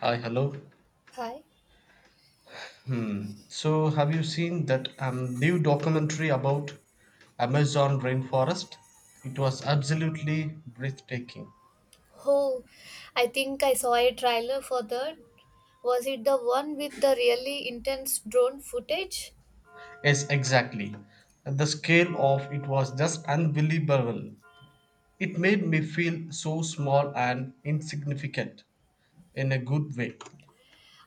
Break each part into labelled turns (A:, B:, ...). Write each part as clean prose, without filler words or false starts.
A: Hi, hello.
B: Hi.
A: Hmm. So, have you seen that new documentary about Amazon rainforest? It was absolutely breathtaking.
B: Oh, I think I saw a trailer for that. Was it the one with the really intense drone footage?
A: Yes, exactly. The scale of it was just unbelievable. It made me feel so small and insignificant in a good way,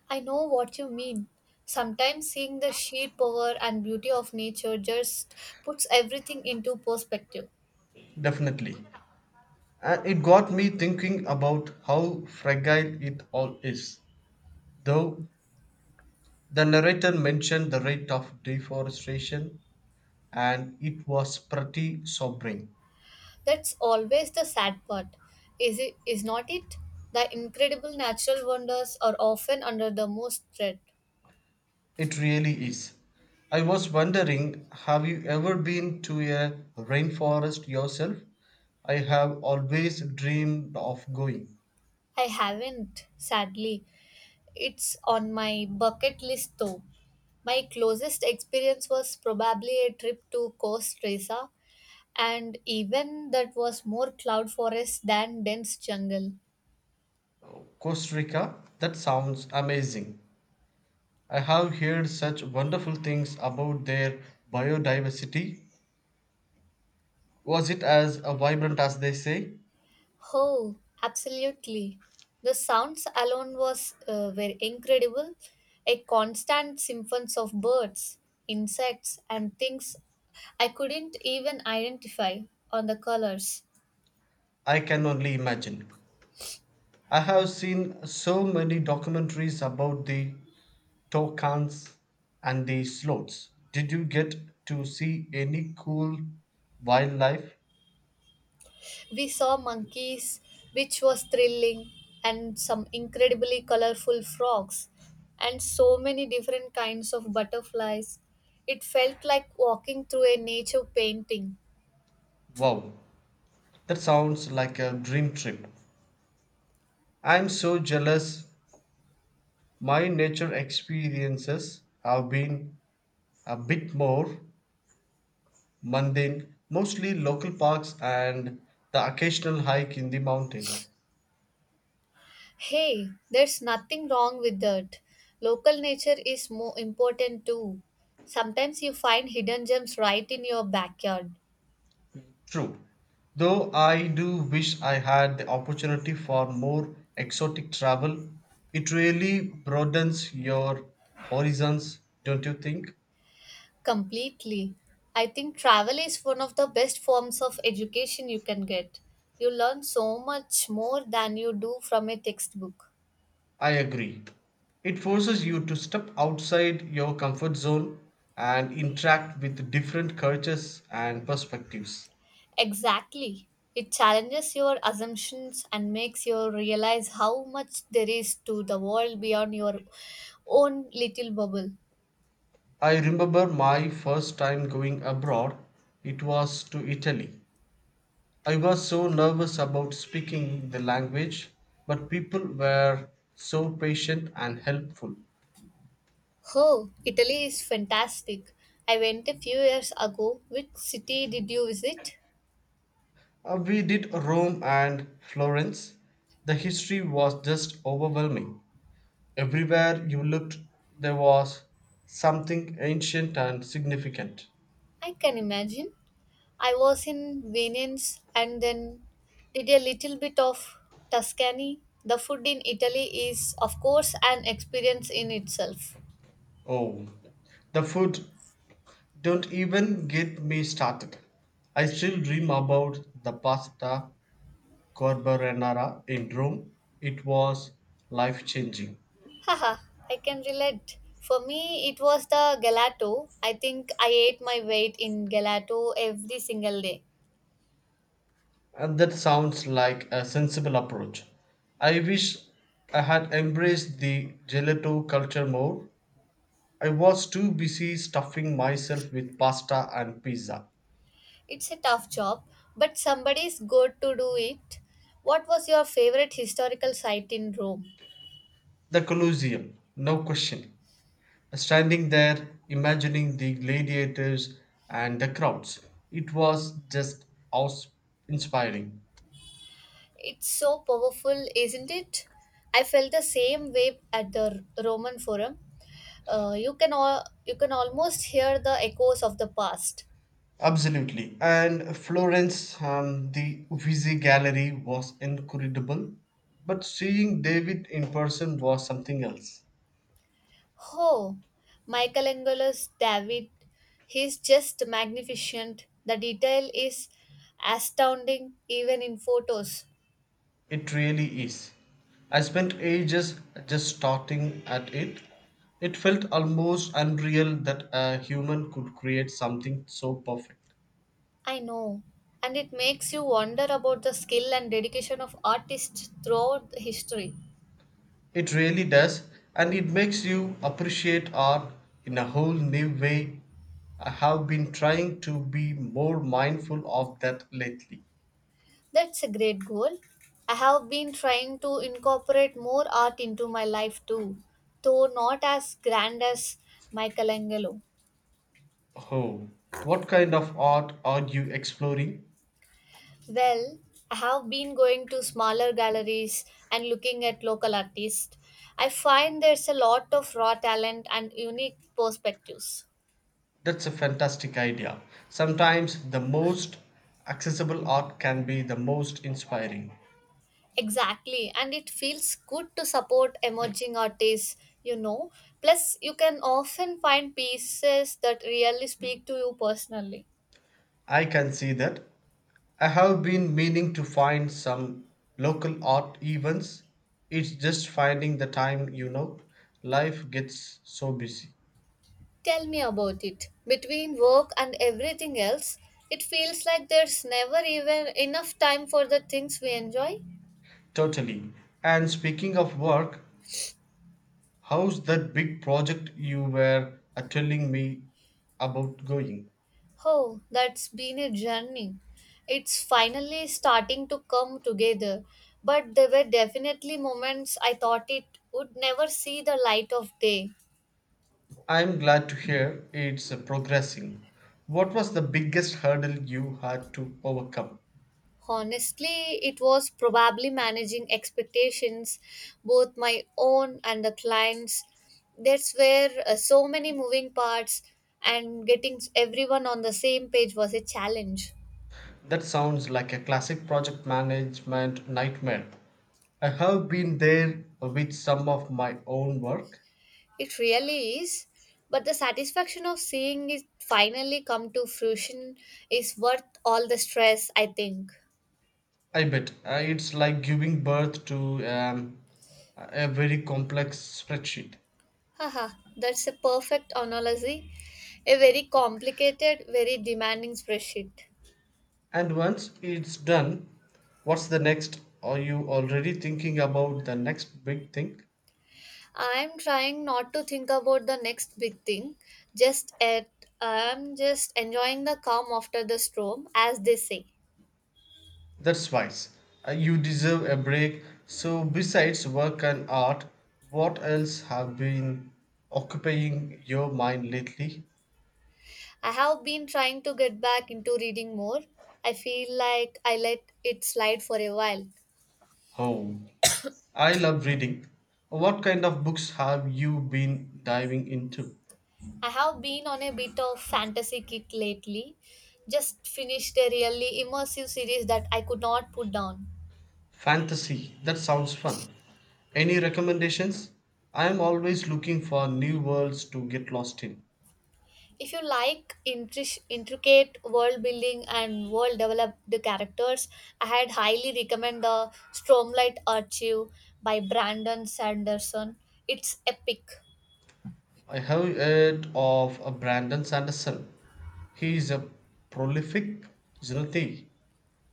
B: I know what you mean. Sometimes seeing the sheer power and beauty of nature just puts everything into perspective.
A: definitely. And it got me thinking about how fragile it all is. Though the narrator mentioned the rate of deforestation and it was pretty sobering.
B: That's always the sad part. Is it is not it? The incredible natural wonders are often under the most threat.
A: It really is. I was wondering, have you ever been to a rainforest yourself? I have always dreamed of going.
B: I haven't, sadly. It's on my bucket list though. My closest experience was probably a trip to Costa Rica, and even that was more cloud forest than dense jungle.
A: Costa Rica? That sounds amazing. I have heard such wonderful things about their biodiversity. Was it as vibrant as they say?
B: Oh, absolutely. The sounds alone was were incredible. A constant symphony of birds, insects, and things I couldn't even identify on the colors.
A: I can only imagine. I have seen so many documentaries about the Tokans and the sloths. Did you get to see any cool wildlife?
B: We saw monkeys, which was thrilling, and some incredibly colorful frogs, and so many different kinds of butterflies. It felt like walking through a nature painting.
A: Wow, that sounds like a dream trip. I'm so jealous. My nature experiences have been a bit more mundane, mostly local parks and the occasional hike in the mountains.
B: Hey, there's nothing wrong with that. Local nature is more important too. Sometimes you find hidden gems right in your backyard.
A: True, though I do wish I had the opportunity for more exotic travel. It really broadens your horizons, don't you think?
B: Completely. I think travel is one of the best forms of education you can get. You learn so much more than you do from a textbook.
A: I agree. It forces you to step outside your comfort zone and interact with different cultures and perspectives.
B: Exactly. It challenges your assumptions and makes you realize how much there is to the world beyond your own little bubble.
A: I remember my first time going abroad, it was to Italy. I was so nervous about speaking the language, but people were so patient and helpful.
B: Oh, Italy is fantastic. I went a few years ago. Which city did you visit?
A: We did Rome and Florence. The history was just overwhelming. Everywhere you looked, there was something ancient and significant.
B: I can imagine. I was in Venice and then did a little bit of Tuscany. The food in Italy is, of course, an experience in itself.
A: Oh, the food, don't even get me started. I still dream about the pasta carbonara in Rome. It was life changing.
B: Haha, I can relate. For me, it was the gelato. I think I ate my weight in gelato every single day.
A: And that sounds like a sensible approach. I wish I had embraced the gelato culture more. I was too busy stuffing myself with pasta and pizza.
B: It's a tough job, but somebody's good to do it. What was your favorite historical site in Rome?
A: The Colosseum, no question. Standing there, imagining the gladiators and the crowds. It was just awe inspiring.
B: It's so powerful, isn't it? I felt the same way at the Roman Forum. You can all you can almost hear the echoes of the past.
A: Absolutely. And Florence, the Uffizi Gallery was incredible, but seeing David in person was something else.
B: Oh, Michelangelo's David, he's just magnificent. The detail is astounding, even in photos.
A: It really is. I spent ages just starting at it. It felt almost unreal that a human could create something so perfect.
B: I know, and it makes you wonder about the skill and dedication of artists throughout history.
A: It really does, and it makes you appreciate art in a whole new way. I have been trying to be more mindful of that lately.
B: That's a great goal. I have been trying to incorporate more art into my life too, though not as grand as Michelangelo.
A: Oh, what kind of art are you exploring?
B: Well, I have been going to smaller galleries and looking at local artists. I find there's a lot of raw talent and unique perspectives.
A: That's a fantastic idea. Sometimes the most accessible art can be the most inspiring.
B: Exactly, and it feels good to support emerging artists, you know. Plus, you can often find pieces that really speak to you personally.
A: I can see that. I have been meaning to find some local art events. It's just finding the time, you know. Life gets so busy.
B: Tell me about it. Between work and everything else, it feels like there's never even enough time for the things we enjoy.
A: Totally. And speaking of work, how's that big project you were telling me about going?
B: Oh, that's been a journey. It's finally starting to come together, but there were definitely moments I thought it would never see the light of day.
A: I'm glad to hear it's progressing. What was the biggest hurdle you had to overcome?
B: Honestly, it was probably managing expectations, both my own and the clients. That's where so many moving parts and getting everyone on the same page was a challenge.
A: That sounds like a classic project management nightmare. I have been there with some of my own work.
B: It really is, but the satisfaction of seeing it finally come to fruition is worth all the stress, I think.
A: I bet it's like giving birth to a very complex spreadsheet.
B: Haha, that's a perfect analogy. A very complicated, very demanding spreadsheet.
A: And once it's done, what's the next? Are you already thinking about the next big thing?
B: I'm trying not to think about the next big thing. Just at I'm just enjoying the calm after the storm, as they say.
A: That's wise. You deserve a break. So, besides work and art, what else have been occupying your mind lately?
B: I have been trying to get back into reading more. I feel like I let it slide for a while.
A: Oh, I love reading. What kind of books have you been diving into?
B: I have been on a bit of fantasy kick lately. Just finished a really immersive series that I could not put down.
A: Fantasy. That sounds fun. Any recommendations? I am always looking for new worlds to get lost in.
B: If you like intricate world building and world developed characters, I had highly recommend the Stormlight Archive by Brandon Sanderson. It's epic.
A: I have heard of Brandon Sanderson. He is a prolific Zenati.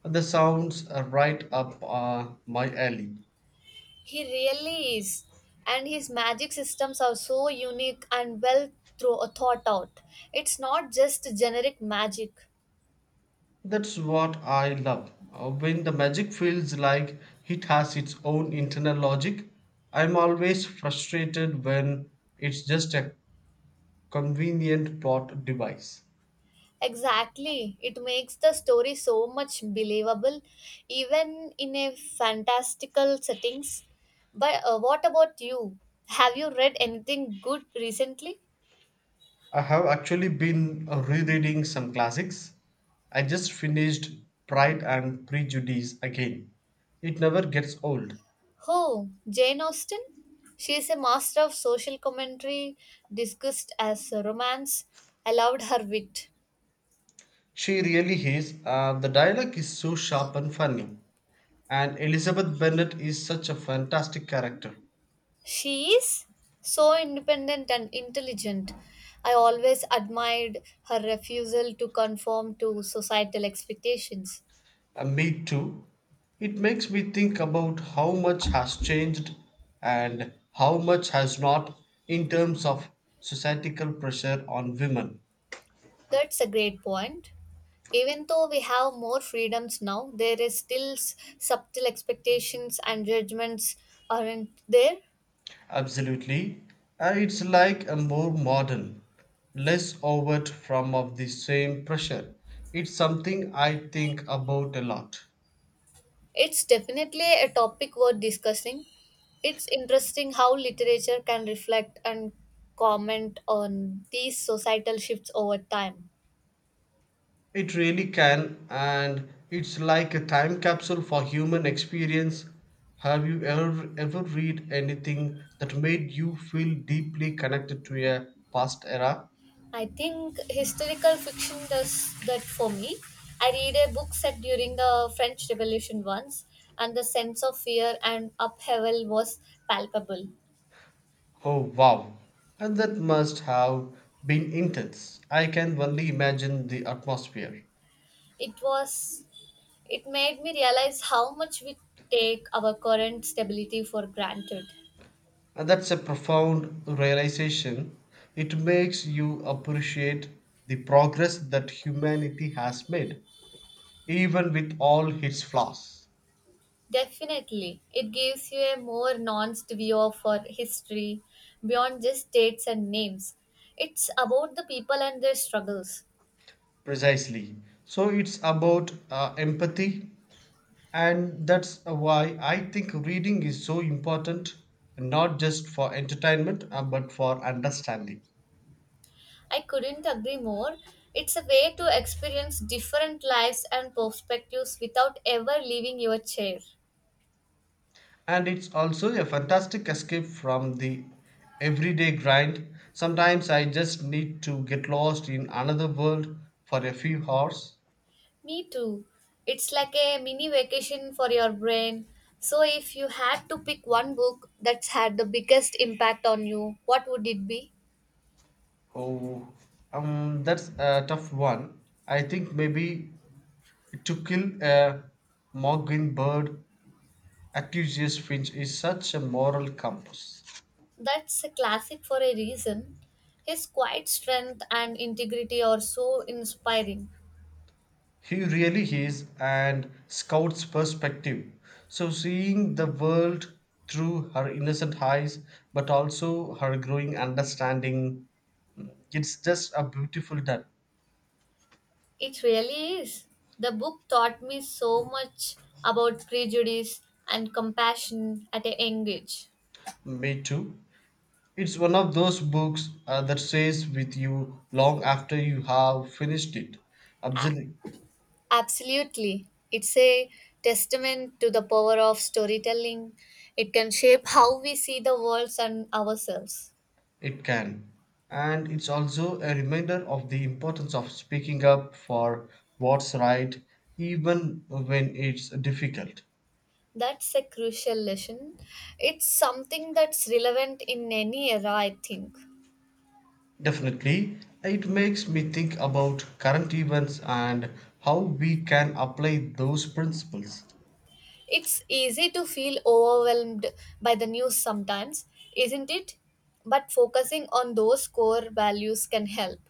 A: The sounds are right up my alley.
B: He really is. And his magic systems are so unique and well thought out. It's not just generic magic.
A: That's what I love. When the magic feels like it has its own internal logic, I'm always frustrated when it's just a convenient plot device.
B: Exactly. It makes the story so much believable, even in a fantastical settings. But what about you? Have you read anything good recently?
A: I have actually been rereading some classics. I just finished Pride and Prejudice again. It never gets old.
B: Oh, Jane Austen? She is a master of social commentary, discussed as romance. I loved her wit.
A: She really is. The dialogue is so sharp and funny. And Elizabeth Bennet is such a fantastic character.
B: She is so independent and intelligent. I always admired her refusal to conform to societal expectations.
A: Me too. It makes me think about how much has changed and how much has not in terms of societal pressure on women.
B: That's a great point. Even though we have more freedoms now, there is still subtle expectations and judgments aren't there.
A: Absolutely. It's like a more modern, less overt form of the same pressure. It's something I think about a lot.
B: It's definitely a topic worth discussing. It's interesting how literature can reflect and comment on these societal shifts over time.
A: It really can, and it's like a time capsule for human experience. Have you ever read anything that made you feel deeply connected to a past era?
B: I think historical fiction does that for me. I read a book set during the French Revolution once, and the sense of fear and upheaval was palpable.
A: Oh, wow. And that must have been intense. I can only imagine the atmosphere.
B: It was it made me realize how much we take our current stability for granted.
A: And that's a profound realization. It makes you appreciate the progress that humanity has made, even with all its flaws.
B: Definitely, it gives you a more nuanced view of our history beyond just dates and names. It's about the people and their struggles.
A: Precisely. So it's about empathy, and that's why I think reading is so important, not just for entertainment, but for understanding.
B: I couldn't agree more. It's a way to experience different lives and perspectives without ever leaving your chair.
A: And it's also a fantastic escape from the everyday grind. Sometimes I just need to get lost in another world for a few hours.
B: Me too. It's like a mini vacation for your brain. So, if you had to pick one book that's had the biggest impact on you, what would it be?
A: Oh, that's a tough one. I think maybe to kill a mockingbird Atticus Finch is such a moral compass.
B: That's a classic for a reason. His quiet strength and integrity are so inspiring.
A: He really is and Scout's perspective. So seeing the world through her innocent eyes, but also her growing understanding, it's just a beautiful done.
B: It really is. The book taught me so much about prejudice and compassion at a young age.
A: Me too. It's one of those books that stays with you long after you have finished it. Absolutely.
B: Absolutely. It's a testament to the power of storytelling. It can shape how we see the world and ourselves.
A: It can. And it's also a reminder of the importance of speaking up for what's right, even when it's difficult.
B: That's a crucial lesson. It's something that's relevant in any era, I think.
A: Definitely, it makes me think about current events and how we can apply those principles.
B: It's easy to feel overwhelmed by the news sometimes, isn't it? But focusing on those core values can help.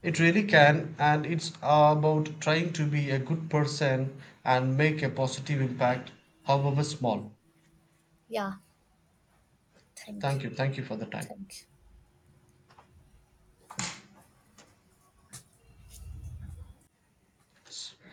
A: It really can, and it's about trying to be a good person and make a positive impact, however small.
B: Yeah, thank you.
A: Thank you. Thank you for the time.
B: Thank you.